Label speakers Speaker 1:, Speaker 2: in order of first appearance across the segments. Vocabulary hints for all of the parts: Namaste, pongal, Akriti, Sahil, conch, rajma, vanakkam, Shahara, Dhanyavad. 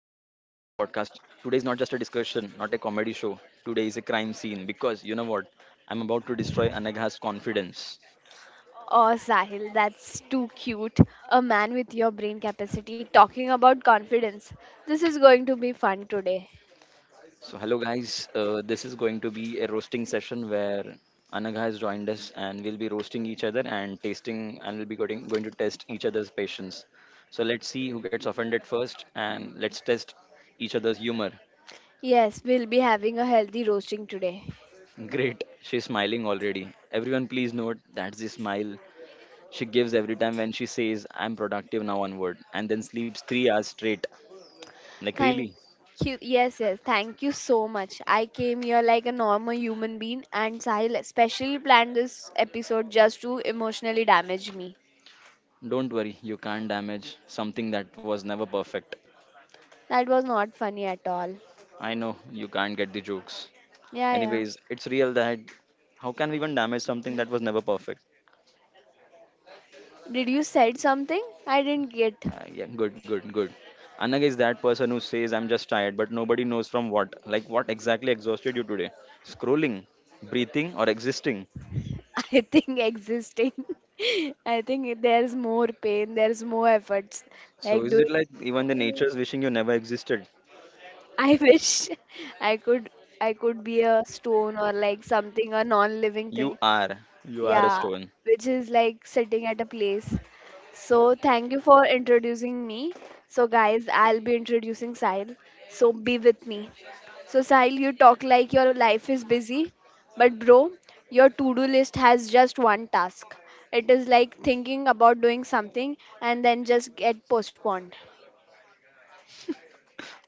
Speaker 1: podcast. Today is not just a discussion, not a comedy show. Today is a crime scene because you know what? I'm about to destroy Anagha's confidence.
Speaker 2: Oh, Sahil, that's too cute. A man with your brain capacity talking about confidence. This is going to be fun today.
Speaker 1: So, hello guys, this is going to be a roasting session where Anagha has joined us and we'll be roasting each other and tasting and we'll be going to test each other's patience. So, let's see who gets offended first and let's test each other's humor.
Speaker 2: Yes, we'll be having a healthy roasting today.
Speaker 1: Great, she's smiling already. Everyone, please note that's the smile she gives every time when she says, I'm productive now onward, and then sleeps 3 hours straight. Like,
Speaker 2: Thank
Speaker 1: really?
Speaker 2: you. Yes, Thank you so much. I came here like a normal human being, and Sahil especially planned this episode just to emotionally damage me.
Speaker 1: Don't worry, you can't damage something that was never perfect.
Speaker 2: That was not funny at all.
Speaker 1: I know you can't get the jokes.
Speaker 2: Yeah, yeah.
Speaker 1: Anyways, it's real that how can we even damage something that was never perfect?
Speaker 2: Did you said something? I didn't get.
Speaker 1: Yeah, good, good, good. Anag is that person who says, I'm just tired, but nobody knows from what. Like, what exactly exhausted you today? Scrolling, breathing, or existing?
Speaker 2: I think existing. I think there's more pain, there's more efforts.
Speaker 1: So,
Speaker 2: Like
Speaker 1: is
Speaker 2: doing
Speaker 1: it like even the nature's wishing you never existed?
Speaker 2: I wish I could I could be a stone or like something, a non living
Speaker 1: You
Speaker 2: thing.
Speaker 1: are. You are a
Speaker 2: Yeah,
Speaker 1: stone.
Speaker 2: which is like sitting at a place. So, thank you for introducing me. So, guys, I'll be introducing Sahil. So, be with me. So, Sahil, you talk like your life is busy, but bro, your to do list has just one task. It is like thinking about doing something and then just get postponed.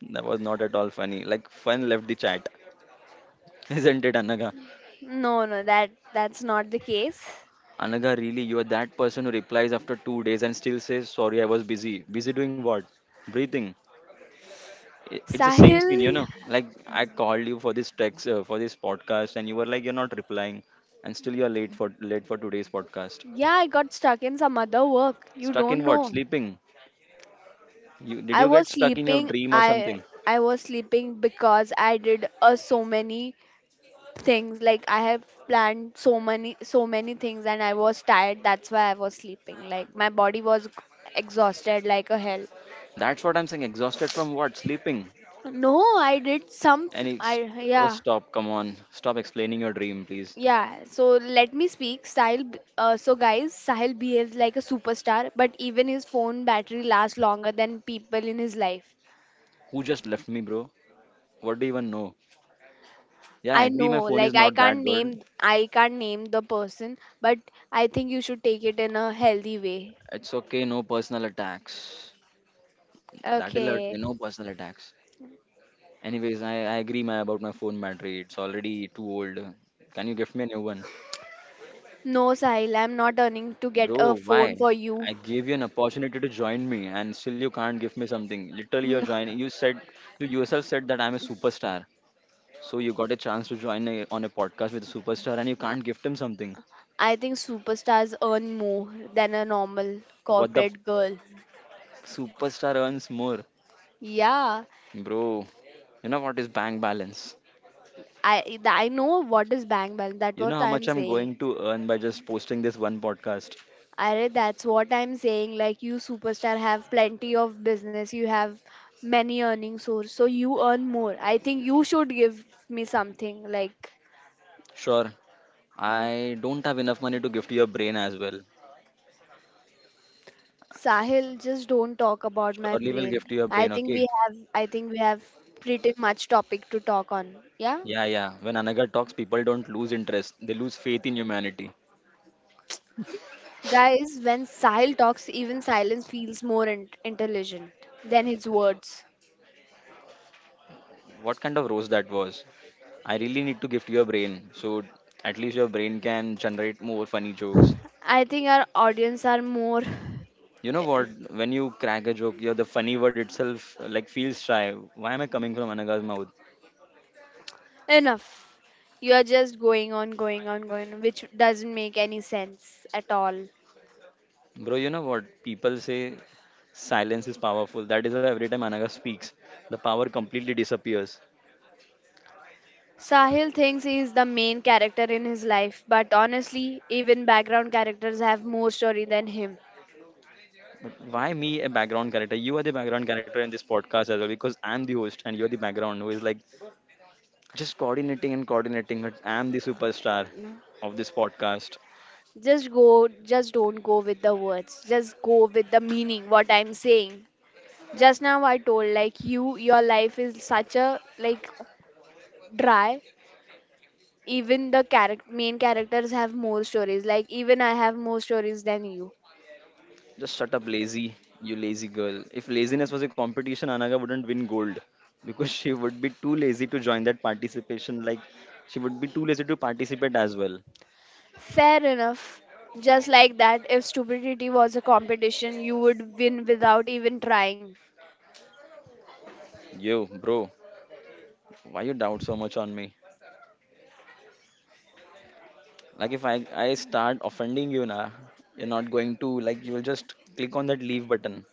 Speaker 1: That was not at all funny. Like, fun left the chat. Isn't it, Anaga?
Speaker 2: No, that's not the case.
Speaker 1: Anaga, really, you are that person who replies after 2 days and still says, Sorry, I was busy. Busy doing what? Breathing. It's the same
Speaker 2: Sahil,
Speaker 1: scene. Like, I called you for this text, for this podcast, and you were like, You're not replying. And still, you're late for today's podcast.
Speaker 2: yeah, I got stuck in some other work. You
Speaker 1: Stuck in
Speaker 2: don't
Speaker 1: what?
Speaker 2: know.
Speaker 1: Sleeping. You did
Speaker 2: I
Speaker 1: you
Speaker 2: was
Speaker 1: get stuck in your
Speaker 2: sleeping.
Speaker 1: dream or
Speaker 2: I
Speaker 1: something?
Speaker 2: I was sleeping because I did so many things. Like I have planned so many things, and I was tired. That's why I was sleeping. Like my body was exhausted like a hell.
Speaker 1: That's what I'm saying. Exhausted from what? Sleeping.
Speaker 2: No, I did some.
Speaker 1: And
Speaker 2: F-
Speaker 1: ex-
Speaker 2: I
Speaker 1: oh,
Speaker 2: yeah
Speaker 1: stop. Come on. Stop explaining your dream, please.
Speaker 2: yeah. So let me speak. So guys, Sahil behaves like a superstar, but even his phone battery lasts longer than people in his life.
Speaker 1: Who just left me, bro? What do you even know? Yeah, I
Speaker 2: I
Speaker 1: agree. My
Speaker 2: know,
Speaker 1: phone is
Speaker 2: like
Speaker 1: not that good.
Speaker 2: I can't name the person, but I think you should take it in a healthy way.
Speaker 1: It's okay. No personal attacks. That'll hurt
Speaker 2: Okay.
Speaker 1: me. No personal attacks. Anyways, I agree about my phone battery. It's already too old. Can you give me a new one?
Speaker 2: No, Sahil, I'm not earning to get a
Speaker 1: Bro,
Speaker 2: phone
Speaker 1: why?
Speaker 2: for you.
Speaker 1: I gave you an opportunity to join me and still you can't give me something. Literally you're
Speaker 2: No.
Speaker 1: joining. You yourself said that I'm a superstar. So you got a chance to join on a podcast with a superstar and you can't gift him something.
Speaker 2: I think superstars earn more than a normal
Speaker 1: What the
Speaker 2: corporate girl.
Speaker 1: superstar earns more?
Speaker 2: Yeah.
Speaker 1: Bro, you know what is bank balance?
Speaker 2: I know what is bank balance. That's
Speaker 1: You know
Speaker 2: what
Speaker 1: how much
Speaker 2: I'm
Speaker 1: I'm
Speaker 2: saying.
Speaker 1: going to earn by just posting this one podcast?
Speaker 2: Arey, that's what I'm saying. Like you superstar have plenty of business. You have many earning source. So you earn more. I think you should give me something like
Speaker 1: Sure, I don't have enough money to gift you a brain as well.
Speaker 2: Sahil, just don't talk about my
Speaker 1: Surely we'll
Speaker 2: brain.
Speaker 1: gift you a brain, okay?
Speaker 2: I think we have pretty much topic to talk on. Yeah?
Speaker 1: Yeah, yeah. When Anagar talks, people don't lose interest, they lose faith in humanity.
Speaker 2: Guys, when Sahil talks, even silence feels more intelligent than his words.
Speaker 1: What kind of roast that was? I really need to gift your brain so at least your brain can generate more funny jokes.
Speaker 2: I think our audience are more
Speaker 1: You know what? When you crack a joke, yeah, the funny word itself like feels shy. Why am I coming from Anagar's mouth?
Speaker 2: Enough. You are just going on, which doesn't make any sense at all.
Speaker 1: Bro, you know what? People say silence is powerful. That is why every time Anaga speaks, the power completely disappears.
Speaker 2: Sahil thinks he is the main character in his life, but honestly, even background characters have more story than him.
Speaker 1: But why me, a background character? You are the background character in this podcast as well because I'm the host and you're the background who is like just coordinating and coordinating it. I'm the superstar of this podcast.
Speaker 2: Just don't go with the words. Just go with the meaning, what I'm saying. Just now I told like you, your life is such a like dry. Even the character main characters have more stories. Like even I have more stories than you
Speaker 1: Just shut up, lazy, you lazy girl. If laziness was a competition, Anaga wouldn't win gold because she would be too lazy to join that participation. Like, she would be too lazy to participate as well.
Speaker 2: Fair enough. Just like that, if stupidity was a competition, you would win without even trying.
Speaker 1: Yo, bro, why you doubt so much on me? Like, if I start offending you, na, you're not going to, like, you'll just click on that leave button.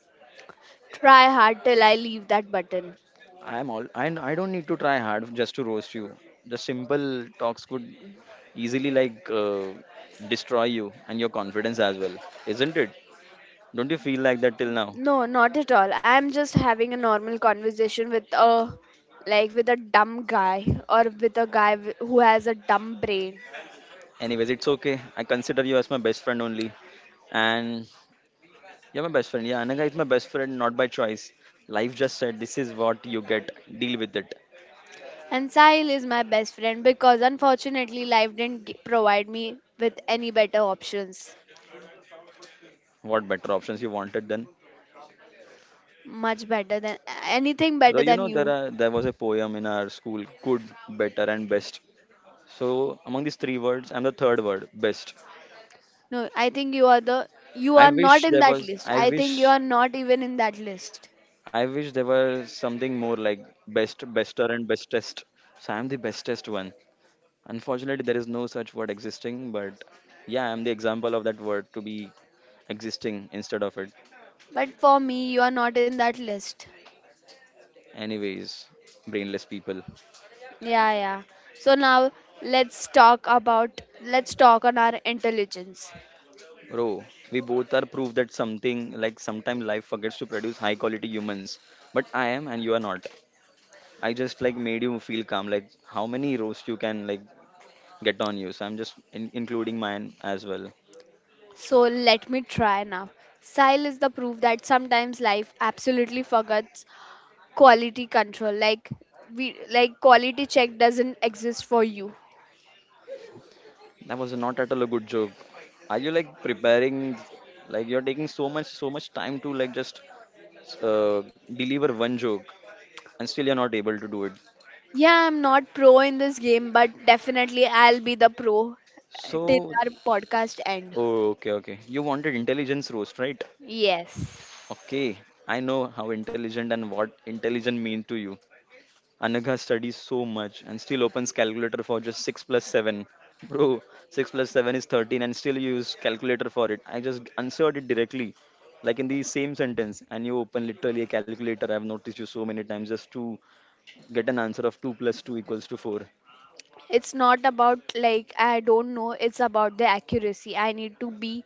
Speaker 2: Try hard till I leave that button.
Speaker 1: I'm all I don't need to try hard just to roast you. The simple talks could easily like destroy you and your confidence as well, isn't it? Don't you feel like that till now?
Speaker 2: No, not at all. I'm just having a normal conversation with a like with a dumb guy or with a who has a dumb brain.
Speaker 1: Anyways, it's okay. I consider you as my best friend only, and you're my best friend. Yeah, Anaga is my best friend, not by choice. Life just said this is what you get. Deal with it.
Speaker 2: And Sahil is my best friend because unfortunately life didn't gi- provide me with any better options.
Speaker 1: What better options you wanted then?
Speaker 2: Much better than anything
Speaker 1: Bro,
Speaker 2: better
Speaker 1: you know
Speaker 2: than you.
Speaker 1: there was a poem in our school, good, better, and best. So among these three words, I'm the third word, best.
Speaker 2: No, I think you are the you
Speaker 1: I
Speaker 2: are not
Speaker 1: wish
Speaker 2: in
Speaker 1: there
Speaker 2: that
Speaker 1: was.
Speaker 2: list.
Speaker 1: I
Speaker 2: I think you
Speaker 1: wish.
Speaker 2: are not even in that list.
Speaker 1: I wish there was something more like best, bester, and bestest. So I'm the bestest one. Unfortunately, there is no such word existing. But yeah, I'm the example of that word to be existing instead of it.
Speaker 2: But for me, you are not in that list.
Speaker 1: Anyways, brainless people.
Speaker 2: Yeah, yeah. So now let's talk on our intelligence.
Speaker 1: Bro, we both are proof that something like sometime life forgets to produce high quality humans. But I am and you are not. I just like made you feel calm. Like how many roast you can like get on you. So I'm just including mine as well.
Speaker 2: So let me try now. Style is the proof that sometimes life absolutely forgets quality control. We like quality check doesn't exist for you.
Speaker 1: That was not at all a good joke. Are you like preparing? Like you're taking so much time to like just uh, deliver one joke, and still you're not able to do it.
Speaker 2: Yeah, I'm not pro in this game, but definitely I'll be the pro till
Speaker 1: So
Speaker 2: our podcast end.
Speaker 1: oh, okay, okay. You wanted intelligence roast, right?
Speaker 2: Yes.
Speaker 1: Okay, I know how intelligent and what intelligent mean to you. Anagha studies so much and still opens calculator for just 6 plus 7. Bro, 6 plus 7 is 13 and still you use calculator for it. I just answered it directly, like in the same sentence, and you open literally a calculator. I've noticed you so many times just to get an answer of 2 plus 2 equals to 4.
Speaker 2: It's not about like I don't know, it's about the accuracy. I need to be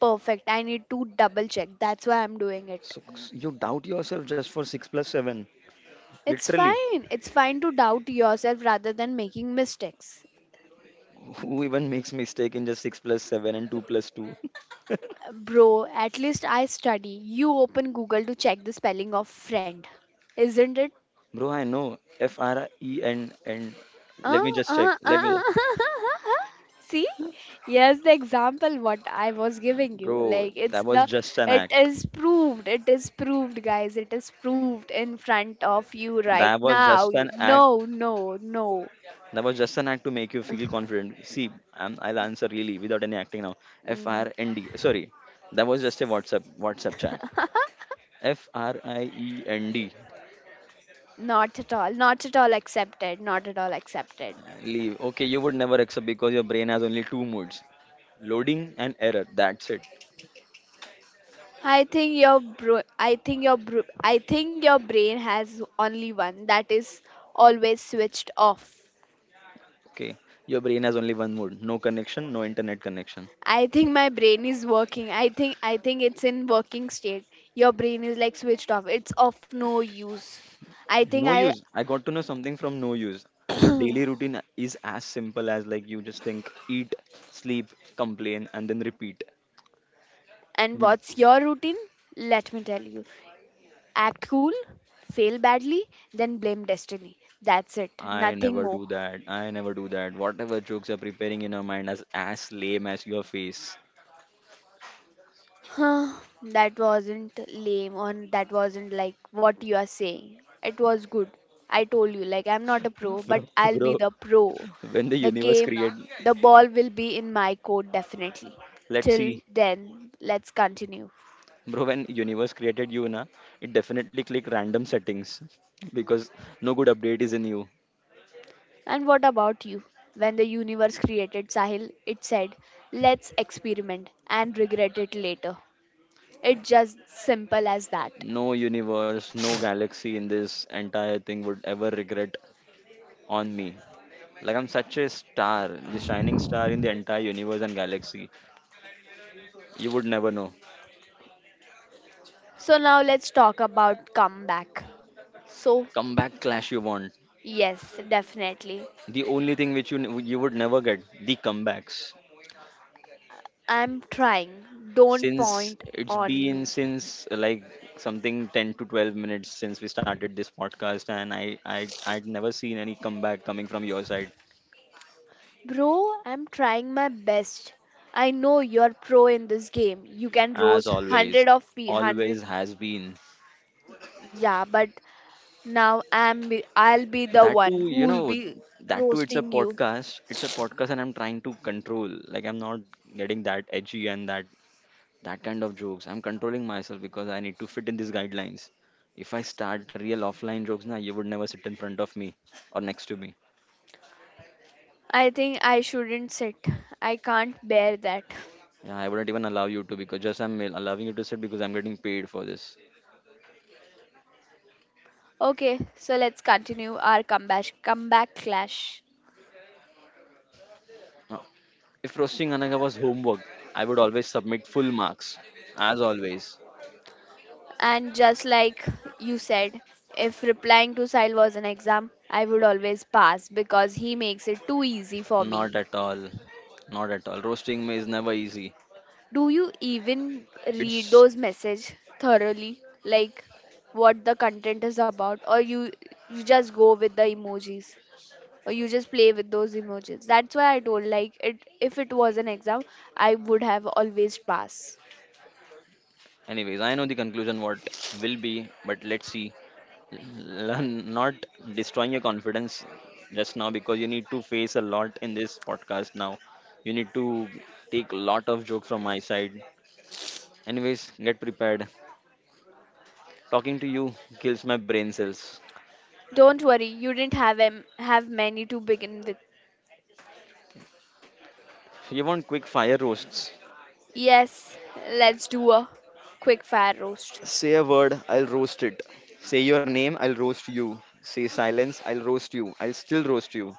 Speaker 2: perfect. I need to double check. That's why I'm doing it.
Speaker 1: So you doubt yourself just for 6 plus 7.
Speaker 2: It's
Speaker 1: Literally.
Speaker 2: fine. It's fine to doubt yourself rather than making mistakes.
Speaker 1: Who even makes mistake in just 6 plus 7 and 2 plus 2?
Speaker 2: Bro, at least I study. You open Google to check the spelling of friend. Isn't it?
Speaker 1: Bro, I know. FREN and let
Speaker 2: Uh,
Speaker 1: me just check.
Speaker 2: uh,
Speaker 1: Let
Speaker 2: uh.
Speaker 1: me
Speaker 2: See? Yes, the example what I was giving you.
Speaker 1: Bro, that was just an
Speaker 2: It
Speaker 1: act.
Speaker 2: is proved. It is proved, guys. It is proved in front of you right
Speaker 1: That was
Speaker 2: now.
Speaker 1: just an act.
Speaker 2: No.
Speaker 1: That was just an act to make you feel confident. See, I'll answer really without any acting now. F
Speaker 2: Mm,
Speaker 1: R N D. Sorry, that was just a WhatsApp chat. FRIEND.
Speaker 2: Not at all. Not at all accepted.
Speaker 1: Leave. Okay, you would never accept because your brain has only two moods: loading and error. That's it.
Speaker 2: I think your brain has only one that is always switched off.
Speaker 1: Okay, your brain has only one mode: no connection, no internet connection.
Speaker 2: I think my brain is working. I think it's in working state. Your brain is like switched off. It's of no use. I think
Speaker 1: No
Speaker 2: I
Speaker 1: use. I got to know something from no use. Your daily routine is as simple as like you just think, eat, sleep, complain, and then repeat.
Speaker 2: and
Speaker 1: You,
Speaker 2: what's your routine? Let me tell you. Act cool, fail badly, then blame destiny. That's it.
Speaker 1: I
Speaker 2: Nothing
Speaker 1: never
Speaker 2: more.
Speaker 1: do that. I never do that. Whatever jokes are preparing in your mind as lame as your face.
Speaker 2: Huh, that wasn't lame or that wasn't like what you are saying. It was good. I told you, like, I'm not a pro,
Speaker 1: Bro.
Speaker 2: but I'll be
Speaker 1: Bro,
Speaker 2: the pro.
Speaker 1: when the
Speaker 2: The
Speaker 1: universe
Speaker 2: game,
Speaker 1: created,
Speaker 2: the ball will be in my court definitely.
Speaker 1: let's
Speaker 2: Till
Speaker 1: see,
Speaker 2: then, let's continue.
Speaker 1: bro. When universe created you, na, it definitely click random settings because no good update is in you.
Speaker 2: And what about you? When the universe created Sahil, it said, let's experiment and regret it later. It's just simple as that.
Speaker 1: No universe, no galaxy in this entire thing would ever regret on me. Like I'm such a star, the shining star in the entire universe and galaxy. You would never know.
Speaker 2: So now let's talk about comeback. So
Speaker 1: Comeback clash you want.
Speaker 2: Yes, definitely.
Speaker 1: The only thing which you would never get the comebacks.
Speaker 2: I'm trying. Don't
Speaker 1: Since
Speaker 2: point
Speaker 1: it's
Speaker 2: on me.
Speaker 1: been since like something 10 to 12 minutes since we started this podcast, and I'd never seen any comeback coming from your side.
Speaker 2: Bro, I'm trying my best. I know you're pro in this game. You
Speaker 1: As
Speaker 2: can roast
Speaker 1: always,
Speaker 2: 100 of pe- 100.
Speaker 1: always has been.
Speaker 2: Yeah, but now I'll be the
Speaker 1: That too,
Speaker 2: one who'll be
Speaker 1: it's a
Speaker 2: roasting you.
Speaker 1: podcast, and I'm trying to control, like, I'm not getting that edgy and that kind of jokes. I'm controlling myself because I need to fit in these guidelines. If I start real offline jokes now, you would never sit in front of me or next to me.
Speaker 2: I think I shouldn't sit. I can't bear that.
Speaker 1: Yeah, I wouldn't even allow you to, because just I'm allowing you to sit because I'm getting paid for this.
Speaker 2: Okay, so let's continue our comeback clash.
Speaker 1: Now, if roasting Anaga was homework, I would always submit full marks as always.
Speaker 2: And just like you said, if replying to Sahil was an exam, I would always pass because he makes it too easy for
Speaker 1: Not
Speaker 2: me.
Speaker 1: at all. Not at all. Roasting me is never easy.
Speaker 2: Do you even read
Speaker 1: It's
Speaker 2: those messages thoroughly? Like what the content is about or you just go with the emojis or you just play with those emojis. That's why I told like it if it was an exam, I would have always passed.
Speaker 1: Anyways, I know the conclusion what will be, but let's see. Learn not destroying your confidence just now because you need to face a lot in this podcast now. You need to take a lot of jokes from my side. Anyways, get prepared. Talking to you kills my brain cells.
Speaker 2: Don't worry, you didn't have many to begin with.
Speaker 1: You want quick fire roasts?
Speaker 2: Yes, let's do a quick fire roast.
Speaker 1: Say a word, I'll roast it. Say your name, I'll roast you. Say silence, I'll roast you. I'll still roast you.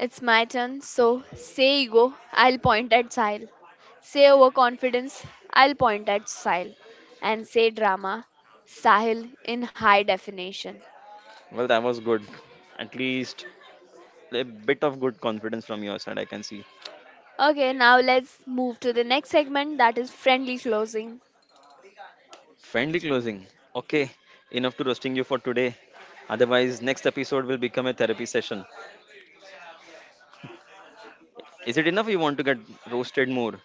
Speaker 2: It's my turn, so say ego, I'll point at Sile. Say overconfidence, I'll point at Sile. And say drama, Sahil in high definition.
Speaker 1: Well, that was good. At least a bit of good confidence from your side, I can see.
Speaker 2: Okay, now let's move to the next segment that is friendly closing.
Speaker 1: Friendly closing. Okay, enough to roasting you for today. Otherwise, next episode will become a therapy session. Is it enough you want to get roasted more?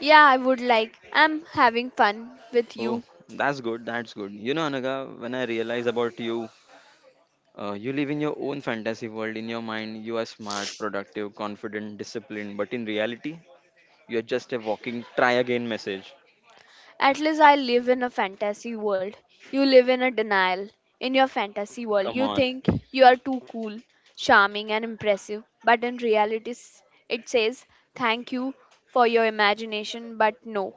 Speaker 2: Yeah, I would like, I'm having fun with
Speaker 1: Oh,
Speaker 2: you
Speaker 1: that's good, that's good. You know, Anaga, when I realize about you, you live in your own fantasy world. In your mind, you are smart, productive, confident, disciplined. But in reality, you are just a walking try again message.
Speaker 2: At least I live in a fantasy world. You live in a denial. In your fantasy world,
Speaker 1: Come
Speaker 2: you
Speaker 1: on,
Speaker 2: think you are too cool, charming, and impressive. But in reality, s- it says, Thank you for your imagination, but no.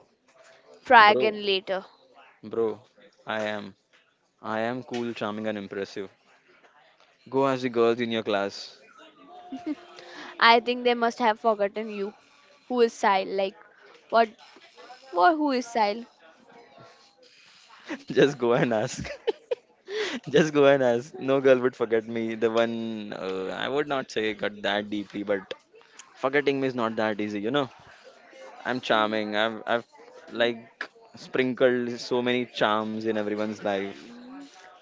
Speaker 2: Try
Speaker 1: bro,
Speaker 2: again later.
Speaker 1: bro, I am. I am cool, charming, and impressive. Go ask the girls in your class.
Speaker 2: I think they must have forgotten you. Who is Sile? Like, what? What? Who is Sile?
Speaker 1: Just go and ask. Just go and ask. No girl would forget me. The one I would not say got that deeply, but forgetting me is not that easy. I'm charming. I've like sprinkled so many charms in everyone's life.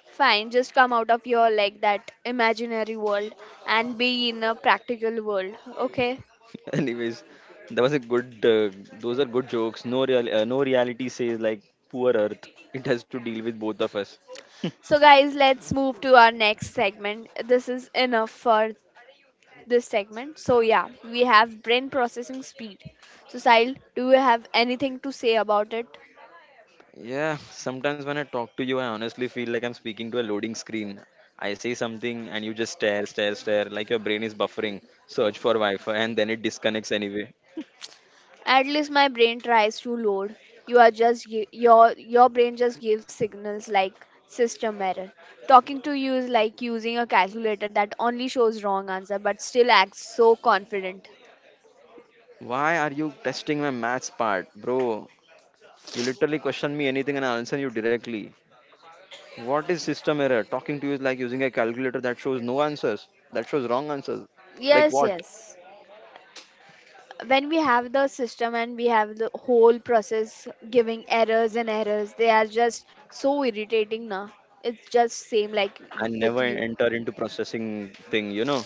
Speaker 2: Fine, just come out of your like that imaginary world and be in a practical world, okay?
Speaker 1: Anyways, that was a good. Those are good jokes. No real. No reality says like poor Earth. It has to deal with both of us.
Speaker 2: So, guys, let's move to our next segment. This is enough for this segment. So, yeah, we have brain processing speed. So, Sahil, do you have anything to say about it?
Speaker 1: Yeah, sometimes when I talk to you, I honestly feel like I'm speaking to a loading screen. I say something and you just stare, stare, stare, like your brain is buffering. Search for Wi Fi and then it disconnects anyway.
Speaker 2: At least my brain tries to load. You are your brain just gives signals like system error. Talking to you is like using a calculator that only shows wrong answer but still acts so confident.
Speaker 1: Why are you testing my maths part, bro? You literally question me anything and I'll answer you directly. What is system error? Talking to you is like using a calculator that shows no answers, that shows wrong answers. Like
Speaker 2: Yes,
Speaker 1: what?
Speaker 2: yes. When we have the system and we have the whole process giving errors and errors they are just so irritating now it's just same like
Speaker 1: And never
Speaker 2: with you
Speaker 1: enter into processing thing you know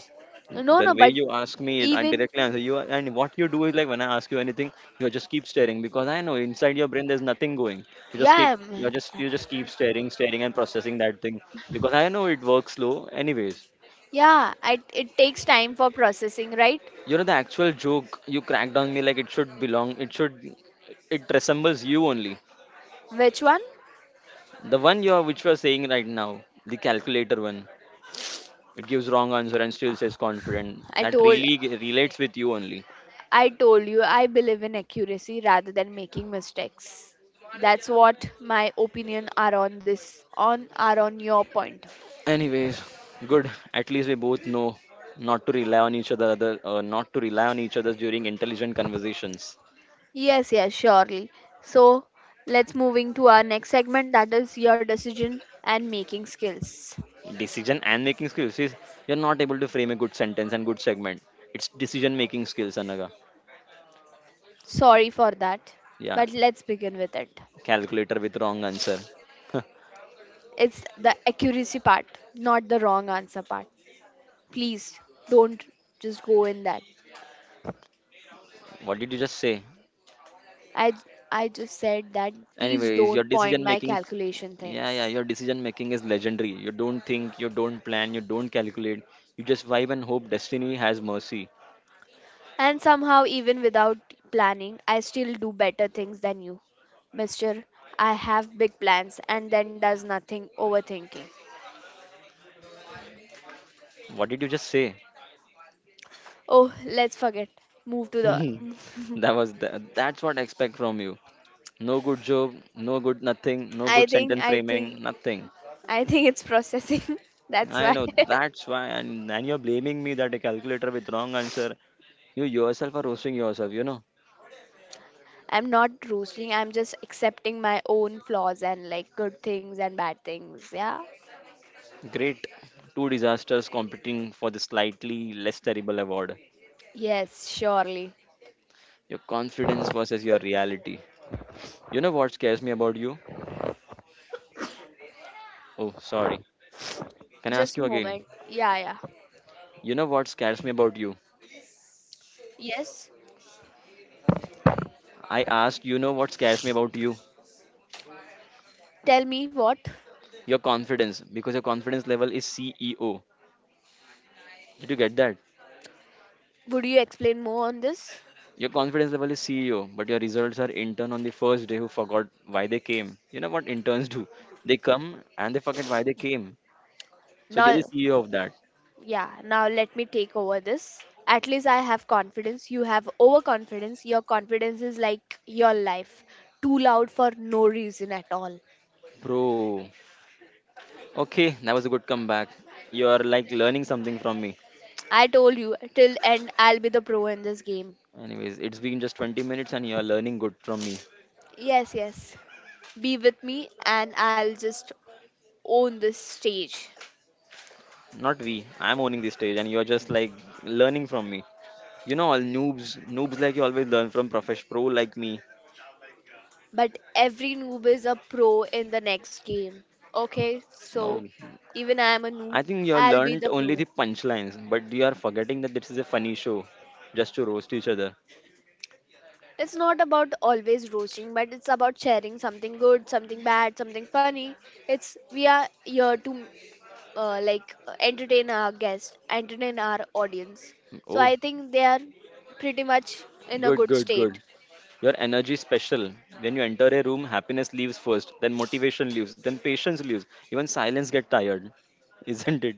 Speaker 2: no
Speaker 1: the
Speaker 2: no
Speaker 1: way
Speaker 2: but
Speaker 1: you ask me, I
Speaker 2: even
Speaker 1: directly answer you. And what you do is like when I ask you anything, you just keep staring because I know inside your brain there's nothing going. you just keep
Speaker 2: yeah
Speaker 1: you
Speaker 2: I'm-
Speaker 1: just you just keep staring, staring and processing that thing because I know it works slow. Anyways,
Speaker 2: yeah it takes time for processing right
Speaker 1: you know the actual joke you cracked on me, like it should belong, it should. It resembles you only.
Speaker 2: which one
Speaker 1: The one you are, which you are saying right now. The calculator one. It gives wrong answer and still says confident.
Speaker 2: i
Speaker 1: That
Speaker 2: told
Speaker 1: really relates with you only.
Speaker 2: I told you I believe in accuracy rather than making mistakes that's what my opinion are on your point.
Speaker 1: Anyways, good. At least we both know not to rely on each other, not to rely on each other during intelligent conversations.
Speaker 2: Yes, surely. So let's moving to our next segment that is your decision and making skills.
Speaker 1: Decision and making skills. See, you're not able to frame a good sentence and good segment. It's decision making skills, Anaga.
Speaker 2: Sorry for that,
Speaker 1: Yeah,
Speaker 2: but let's begin with it.
Speaker 1: calculator with wrong answer.
Speaker 2: It's the accuracy part, not the wrong answer part. Please don't just go in that.
Speaker 1: What did you just say?
Speaker 2: I I just said that please
Speaker 1: Anyways, your
Speaker 2: don't point
Speaker 1: decision
Speaker 2: my
Speaker 1: making,
Speaker 2: calculation
Speaker 1: yeah, yeah,
Speaker 2: things.
Speaker 1: your decision making is legendary. You don't think, you don't plan, you don't calculate. You just vibe and hope destiny has mercy.
Speaker 2: And somehow even without planning, I still do better things than you. Mister, I have big plans and then does nothing overthinking.
Speaker 1: What did you just say?
Speaker 2: Oh, let's forget. Move to the.
Speaker 1: That was the, that's what I expect from you. No good joke, no good nothing, no
Speaker 2: I
Speaker 1: good
Speaker 2: think,
Speaker 1: sentence
Speaker 2: I think,
Speaker 1: framing, nothing.
Speaker 2: I think it's processing. That's
Speaker 1: I
Speaker 2: why
Speaker 1: know that's why, and you're blaming me that a calculator with wrong answer. You yourself are roasting yourself. You know,
Speaker 2: I'm not roasting. I'm just accepting my own flaws and like good things and bad things. Yeah.
Speaker 1: great two disasters competing for the slightly less terrible award.
Speaker 2: Yes, surely.
Speaker 1: Your confidence versus your reality. You know what scares me about you? Oh, sorry. Can I ask
Speaker 2: Just a
Speaker 1: you again?
Speaker 2: moment. Yeah.
Speaker 1: You know what scares me about you?
Speaker 2: Yes.
Speaker 1: I asked, you know what scares me about you?
Speaker 2: Tell me what?
Speaker 1: Your confidence, because your confidence level is CEO. Did you get that?
Speaker 2: Would you explain more on this?
Speaker 1: Your confidence level is CEO, but your results are intern on the first day who forgot why they came. You know what interns do? They come and they forget why they came. So you're
Speaker 2: Now.
Speaker 1: the CEO of that.
Speaker 2: Yeah, now let me take over this. At least I have confidence. You have overconfidence. Your confidence is like your life. Too loud for no reason at all.
Speaker 1: Bro, okay, that was a good comeback. You are like learning something from me.
Speaker 2: I told you, till end, I'll be the pro in this game.
Speaker 1: Anyways, it's been just 20 minutes and you are learning good from me.
Speaker 2: Yes, yes. Be with me and I'll just own this stage.
Speaker 1: Not we, I'm owning this stage and you're just like learning from me. All noobs like you always learn from profesh pro like me.
Speaker 2: But every noob is a pro in the next game. Okay,
Speaker 1: No,
Speaker 2: so even I am a
Speaker 1: I
Speaker 2: noob,
Speaker 1: think you
Speaker 2: I'll be
Speaker 1: learned
Speaker 2: the
Speaker 1: only the
Speaker 2: pro.
Speaker 1: punchlines, but you are forgetting that this is a funny show, just to roast each other.
Speaker 2: It's not about always roasting, but it's about sharing something good, something bad, something funny. It's we are here to like entertain our guests, entertain our audience. So
Speaker 1: Oh,
Speaker 2: I think they are pretty much in a
Speaker 1: good,
Speaker 2: good
Speaker 1: good,
Speaker 2: state.
Speaker 1: good. Your energy is special. When you enter a room, happiness leaves first, then motivation leaves, then patience leaves. Even silence get tired, isn't it?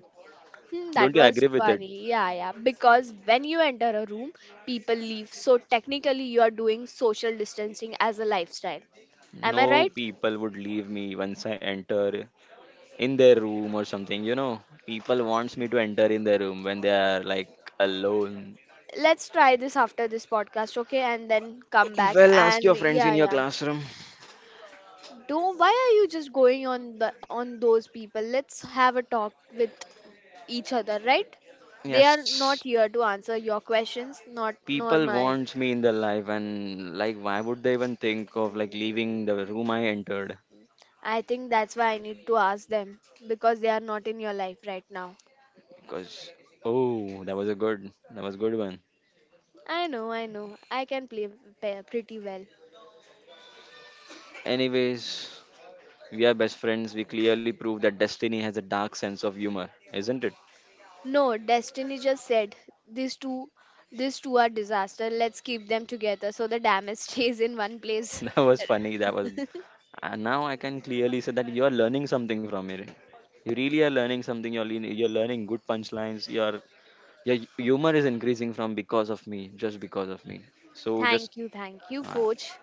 Speaker 2: Hmm, that
Speaker 1: Don't you
Speaker 2: was
Speaker 1: agree with it?
Speaker 2: funny. Yeah, yeah. Because when you enter a room, people leave. So technically, you are doing social distancing as a lifestyle. Am I
Speaker 1: No,
Speaker 2: right?
Speaker 1: people would leave me once I enter in their room or something. People wants me to enter in their room when they are like alone.
Speaker 2: Let's try this after this podcast, okay? And then come back.
Speaker 1: Well, ask
Speaker 2: And
Speaker 1: your friends in
Speaker 2: yeah,
Speaker 1: your
Speaker 2: yeah.
Speaker 1: classroom.
Speaker 2: Don't. Why are you just going on the on those people? Let's have a talk with each other, right? They are not
Speaker 1: Yes,
Speaker 2: here to answer your questions, not nor
Speaker 1: people
Speaker 2: my.
Speaker 1: want me in their life, and like, why would they even think of like leaving the room I entered?
Speaker 2: I think that's why I need to ask them because they are not in your life right now.
Speaker 1: Because Oh, that was good one.
Speaker 2: I know, I know. I can play pretty well.
Speaker 1: Anyways, we are best friends. We clearly prove that destiny has a dark sense of humor, isn't it?
Speaker 2: No, Destiny just said these two these two are disaster. Let's keep them together so the damage stays in one place.
Speaker 1: That was funny. And now I can clearly say that you are learning something from it. You really are learning something. You're learning good punchlines. You're Yeah. Humor is increasing from because of me, just because of me. So just,
Speaker 2: Thank you, thank you,
Speaker 1: uh,
Speaker 2: coach.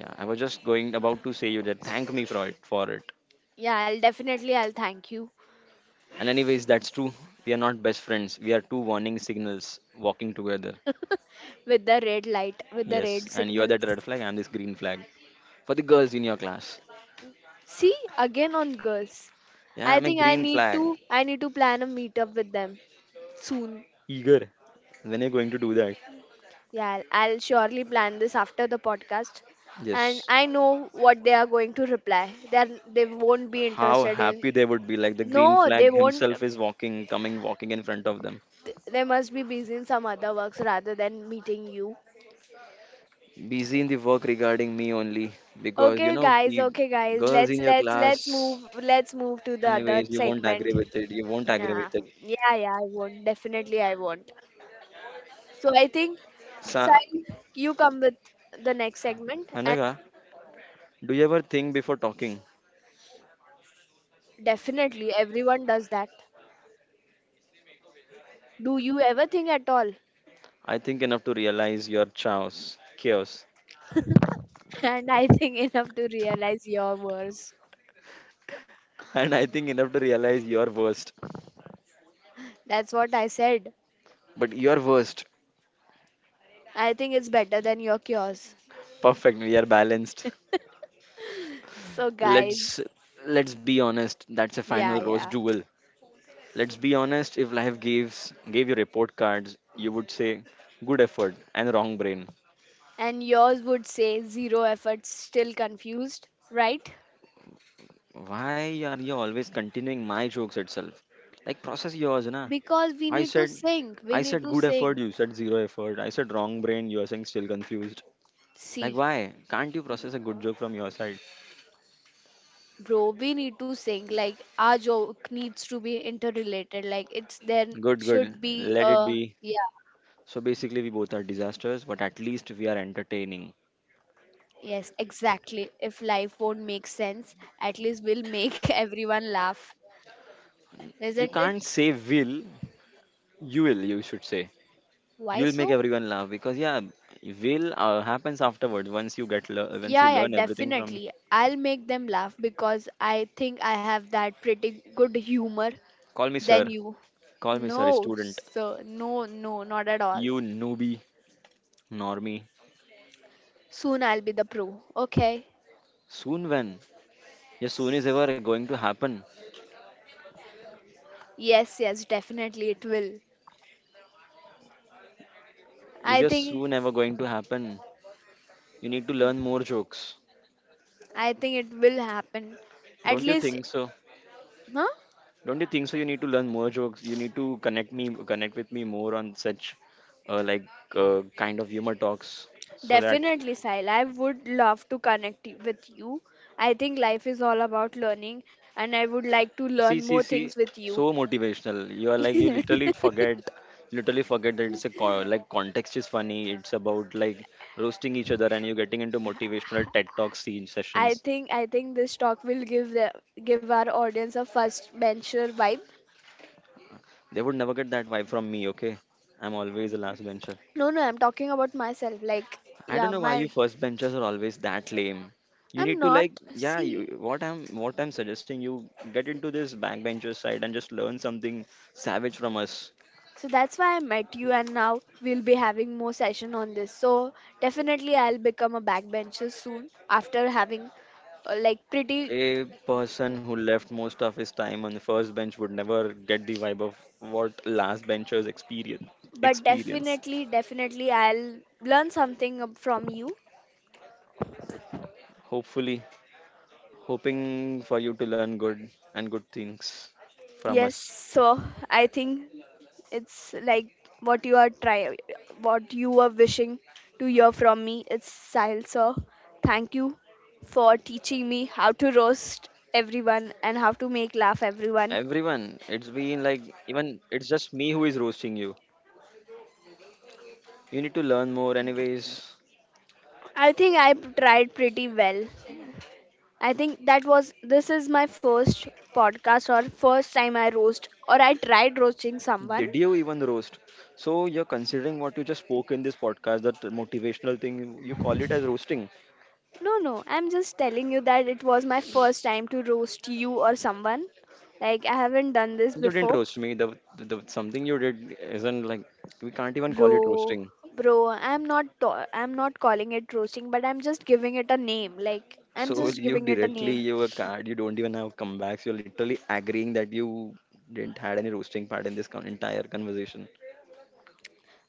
Speaker 1: yeah, I was just going about to say you that thank me for it.
Speaker 2: Yeah, I'll definitely I'll thank you.
Speaker 1: And anyways, that's true. We are not best friends. We are two warning signals walking together.
Speaker 2: With the red light, with the
Speaker 1: Yes,
Speaker 2: red
Speaker 1: and you are
Speaker 2: signal.
Speaker 1: that red flag. I'm this green flag for the girls in your class.
Speaker 2: See, again on girls.
Speaker 1: Yeah,
Speaker 2: I
Speaker 1: I'm a
Speaker 2: think
Speaker 1: green flag.
Speaker 2: I need to plan a meetup with them soon.
Speaker 1: Eager. When you're going to do that?
Speaker 2: Yeah, I'll surely plan this after the podcast. And
Speaker 1: Yes.
Speaker 2: I know what they are going to reply. They are, they won't be
Speaker 1: How
Speaker 2: interested in.
Speaker 1: happy they would be! Like the green
Speaker 2: No,
Speaker 1: flag
Speaker 2: they won't.
Speaker 1: himself is walking, coming, walking in front of them.
Speaker 2: They must be busy in some other works rather than meeting you.
Speaker 1: Busy in the work regarding me only because you
Speaker 2: Okay,
Speaker 1: know
Speaker 2: guys.
Speaker 1: the
Speaker 2: Okay, guys.
Speaker 1: girls
Speaker 2: Let's
Speaker 1: in your
Speaker 2: let's let's
Speaker 1: class.
Speaker 2: move. Let's move to the other
Speaker 1: Anyways, you won't
Speaker 2: segment.
Speaker 1: agree with it, you won't agree
Speaker 2: Nah.
Speaker 1: with it.
Speaker 2: Yeah, yeah, I won't. Definitely, I won't. So I think,
Speaker 1: Sa-
Speaker 2: Sai, you come with the next segment, and
Speaker 1: Hanaga, do you ever think before talking?
Speaker 2: definitely everyone does that. Do you ever think at all?
Speaker 1: I think enough to realize your chaos.
Speaker 2: And I think enough to realize your worst.
Speaker 1: And I think enough to realize your worst.
Speaker 2: That's what I said.
Speaker 1: but your worst
Speaker 2: I think it's better than your cures.
Speaker 1: Perfect, we are balanced.
Speaker 2: So,
Speaker 1: let's
Speaker 2: guys,
Speaker 1: let's be honest, that's a
Speaker 2: yeah,
Speaker 1: final rose
Speaker 2: yeah.
Speaker 1: duel. Let's be honest, if life gives gave you report cards, you would say good effort and wrong brain.
Speaker 2: And yours would say zero effort, still confused, right?
Speaker 1: Why are you always continuing my jokes itself? Like process yours, na.
Speaker 2: Because we
Speaker 1: I
Speaker 2: need to
Speaker 1: said
Speaker 2: sing. We
Speaker 1: I
Speaker 2: need
Speaker 1: said
Speaker 2: to
Speaker 1: good effort,
Speaker 2: sing.
Speaker 1: you said zero effort. I said wrong brain, you are saying still confused. Like
Speaker 2: See.
Speaker 1: why? Can't you process a good joke from your side?
Speaker 2: Bro, we need to sing. Like our joke needs to be interrelated. Like it's there
Speaker 1: Good, good.
Speaker 2: should be
Speaker 1: Let it
Speaker 2: a
Speaker 1: be.
Speaker 2: yeah.
Speaker 1: So basically we both are disasters, but at least we are entertaining.
Speaker 2: Yes, exactly. If life won't make sense, at least we'll make everyone laugh.
Speaker 1: You
Speaker 2: Isn't it?
Speaker 1: can't say will, you should say.
Speaker 2: Why
Speaker 1: You'll make
Speaker 2: so?
Speaker 1: everyone laugh because yeah, will happens afterwards once you
Speaker 2: Yeah, yeah,
Speaker 1: learn everything from.
Speaker 2: definitely. I'll make them laugh because I think I have that pretty good humor
Speaker 1: Call me
Speaker 2: than
Speaker 1: sir.
Speaker 2: you.
Speaker 1: Call me sir,
Speaker 2: No,
Speaker 1: student.
Speaker 2: sir. No, no, not at all.
Speaker 1: You newbie, normie.
Speaker 2: Soon I'll be the pro. Okay.
Speaker 1: Soon when? Your soon is ever going to happen.
Speaker 2: Yes, yes, definitely it will.
Speaker 1: Is
Speaker 2: I
Speaker 1: your
Speaker 2: think
Speaker 1: soon ever going to happen? You need to learn more jokes.
Speaker 2: I think it will happen. At
Speaker 1: Don't you
Speaker 2: least,
Speaker 1: think so?
Speaker 2: huh?
Speaker 1: Don't you think so? You need to learn more jokes. You need to connect with me more on such, like, kind of humor talks, so that.
Speaker 2: Definitely, Sahil. I would love to connect with you. I think life is all about learning, and I would like to
Speaker 1: See,
Speaker 2: learn
Speaker 1: see,
Speaker 2: more
Speaker 1: see,
Speaker 2: things with you.
Speaker 1: so motivational. You are like you literally forget that it's a like context is funny. It's about like roasting each other, and you're getting into motivational TED Talk scene sessions.
Speaker 2: I think this talk will give the give our audience a first bencher vibe.
Speaker 1: They would never get that vibe from me. Okay, I'm always the last bencher.
Speaker 2: No, no, I'm talking about myself. Like,
Speaker 1: I don't
Speaker 2: yeah,
Speaker 1: know why you
Speaker 2: my
Speaker 1: first benchers are always that lame. You
Speaker 2: I'm
Speaker 1: need to like,
Speaker 2: not.
Speaker 1: yeah,
Speaker 2: See,
Speaker 1: you, what I'm suggesting you get into this backbencher side and just learn something savage from us.
Speaker 2: so that's why I met you, and now we'll be having more session on this. So definitely, I'll become a backbencher soon after having like pretty,
Speaker 1: A person who left most of his time on the first bench would never get the vibe of what last benchers experience.
Speaker 2: but
Speaker 1: Experience.
Speaker 2: definitely, definitely, I'll learn something from you.
Speaker 1: Hopefully, hoping for you to learn good things from
Speaker 2: Yes.
Speaker 1: us.
Speaker 2: So I think it's like what you are try, what you were wishing to hear from me. It's Sahil sir. Thank you for teaching me how to roast everyone and how to make laugh everyone.
Speaker 1: Everyone, it's been like even it's just me who is roasting you. You need to learn more, anyways.
Speaker 2: I think I tried pretty well. I think that was this is my first podcast or first time I roast or I tried roasting someone.
Speaker 1: Did you even roast? So you're considering what you just spoke in this podcast, that motivational thing. You call it as roasting.
Speaker 2: No, no, I'm just telling you that it was my first time to roast you or someone. Like I haven't done this
Speaker 1: You didn't
Speaker 2: before.
Speaker 1: roast me. The something you did isn't like we can't even call it
Speaker 2: Bro,
Speaker 1: roasting.
Speaker 2: bro, I'm not calling it roasting, but I'm just giving it a name. Like I'm
Speaker 1: So
Speaker 2: just
Speaker 1: you
Speaker 2: giving it a
Speaker 1: directly
Speaker 2: name.
Speaker 1: you were card. You don't even have comebacks. You're literally agreeing that you didn't had any roasting part in this entire conversation.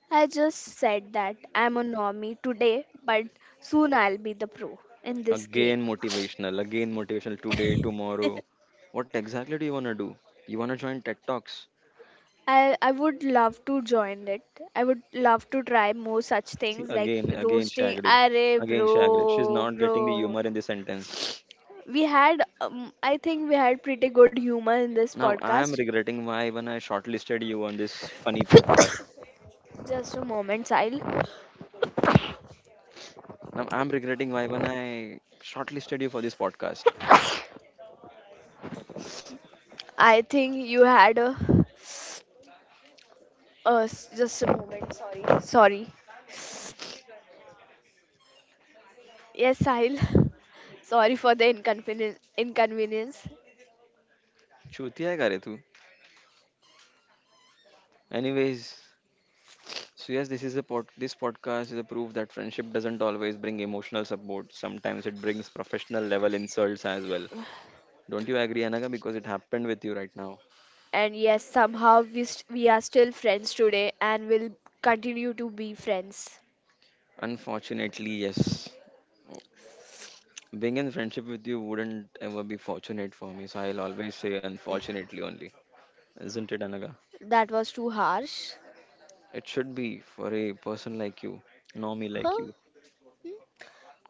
Speaker 2: I just said that I'm a normie today, but soon I'll be the pro in this game.
Speaker 1: Again motivational today, tomorrow. What exactly do? You wanna join TED Talks?
Speaker 2: I would love to join it. I would love to try more such
Speaker 1: See
Speaker 2: things like
Speaker 1: again, again
Speaker 2: roasting.
Speaker 1: Shagrid,
Speaker 2: Arey
Speaker 1: again Shagrid. She's
Speaker 2: bro,
Speaker 1: not getting the
Speaker 2: bro.
Speaker 1: humor in the sentence.
Speaker 2: We had, I think we had pretty good humor in this
Speaker 1: Now I am
Speaker 2: podcast.
Speaker 1: regretting why when I shortlisted you on this funny podcast.
Speaker 2: Just a moment, Sahil.
Speaker 1: Now I'm regretting why when I shortlisted you for this podcast.
Speaker 2: I think you had a, just a moment. Sorry, sorry. Yes, Sahil. Sorry for the inconvenience. Inconvenience.
Speaker 1: Chuti hai kare tu. Anyways, so yes, this is a pod. This podcast is a proof that friendship doesn't always bring emotional support. Sometimes it brings professional level insults as well. Don't you agree, Anaga? Because it happened with you right now.
Speaker 2: And yes, somehow we are still friends today, and will continue to be friends.
Speaker 1: Unfortunately, yes. Being in friendship with you wouldn't ever be fortunate for me, so I'll always say unfortunately only. Isn't it, Anaga?
Speaker 2: That was too harsh.
Speaker 1: It should be for a person like you, normie like
Speaker 2: Huh?
Speaker 1: you.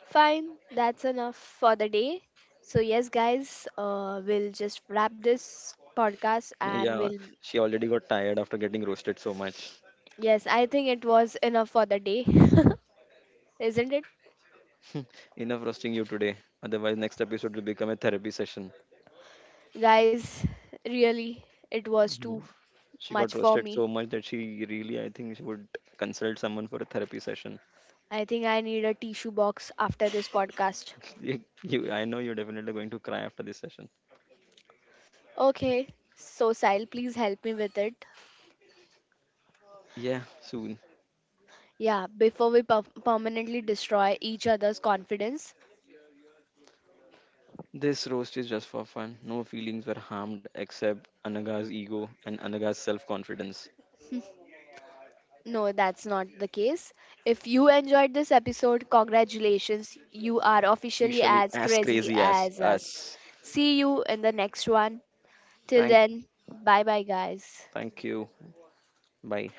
Speaker 2: Fine, that's enough for the day. So yes, guys, we'll just wrap this podcast and
Speaker 1: Yeah,
Speaker 2: we'll.
Speaker 1: she already got tired after getting roasted so much.
Speaker 2: Yes, I think it was enough for the day, isn't it,
Speaker 1: Enough roasting you today. Otherwise, next episode will become a therapy session.
Speaker 2: guys? Really, it was too
Speaker 1: Mhm. She got
Speaker 2: much for
Speaker 1: roasted so
Speaker 2: me.
Speaker 1: much that she really, I think, she would consult someone for a therapy session.
Speaker 2: I think I need a tissue box after this podcast.
Speaker 1: you, I know you're definitely going to cry after this session.
Speaker 2: Okay, so Sile, please help me with it.
Speaker 1: Yeah, soon.
Speaker 2: Yeah, before we permanently destroy each other's confidence.
Speaker 1: This roast is just for fun. No feelings were harmed except Anaga's ego and Anaga's self confidence.
Speaker 2: No, that's not the case. If you enjoyed this episode, congratulations. You are officially
Speaker 1: Officially
Speaker 2: as
Speaker 1: as
Speaker 2: crazy
Speaker 1: crazy as
Speaker 2: as us.
Speaker 1: us.
Speaker 2: See you in the next one. Till
Speaker 1: Thank,
Speaker 2: then, bye bye, guys.
Speaker 1: thank you. Bye.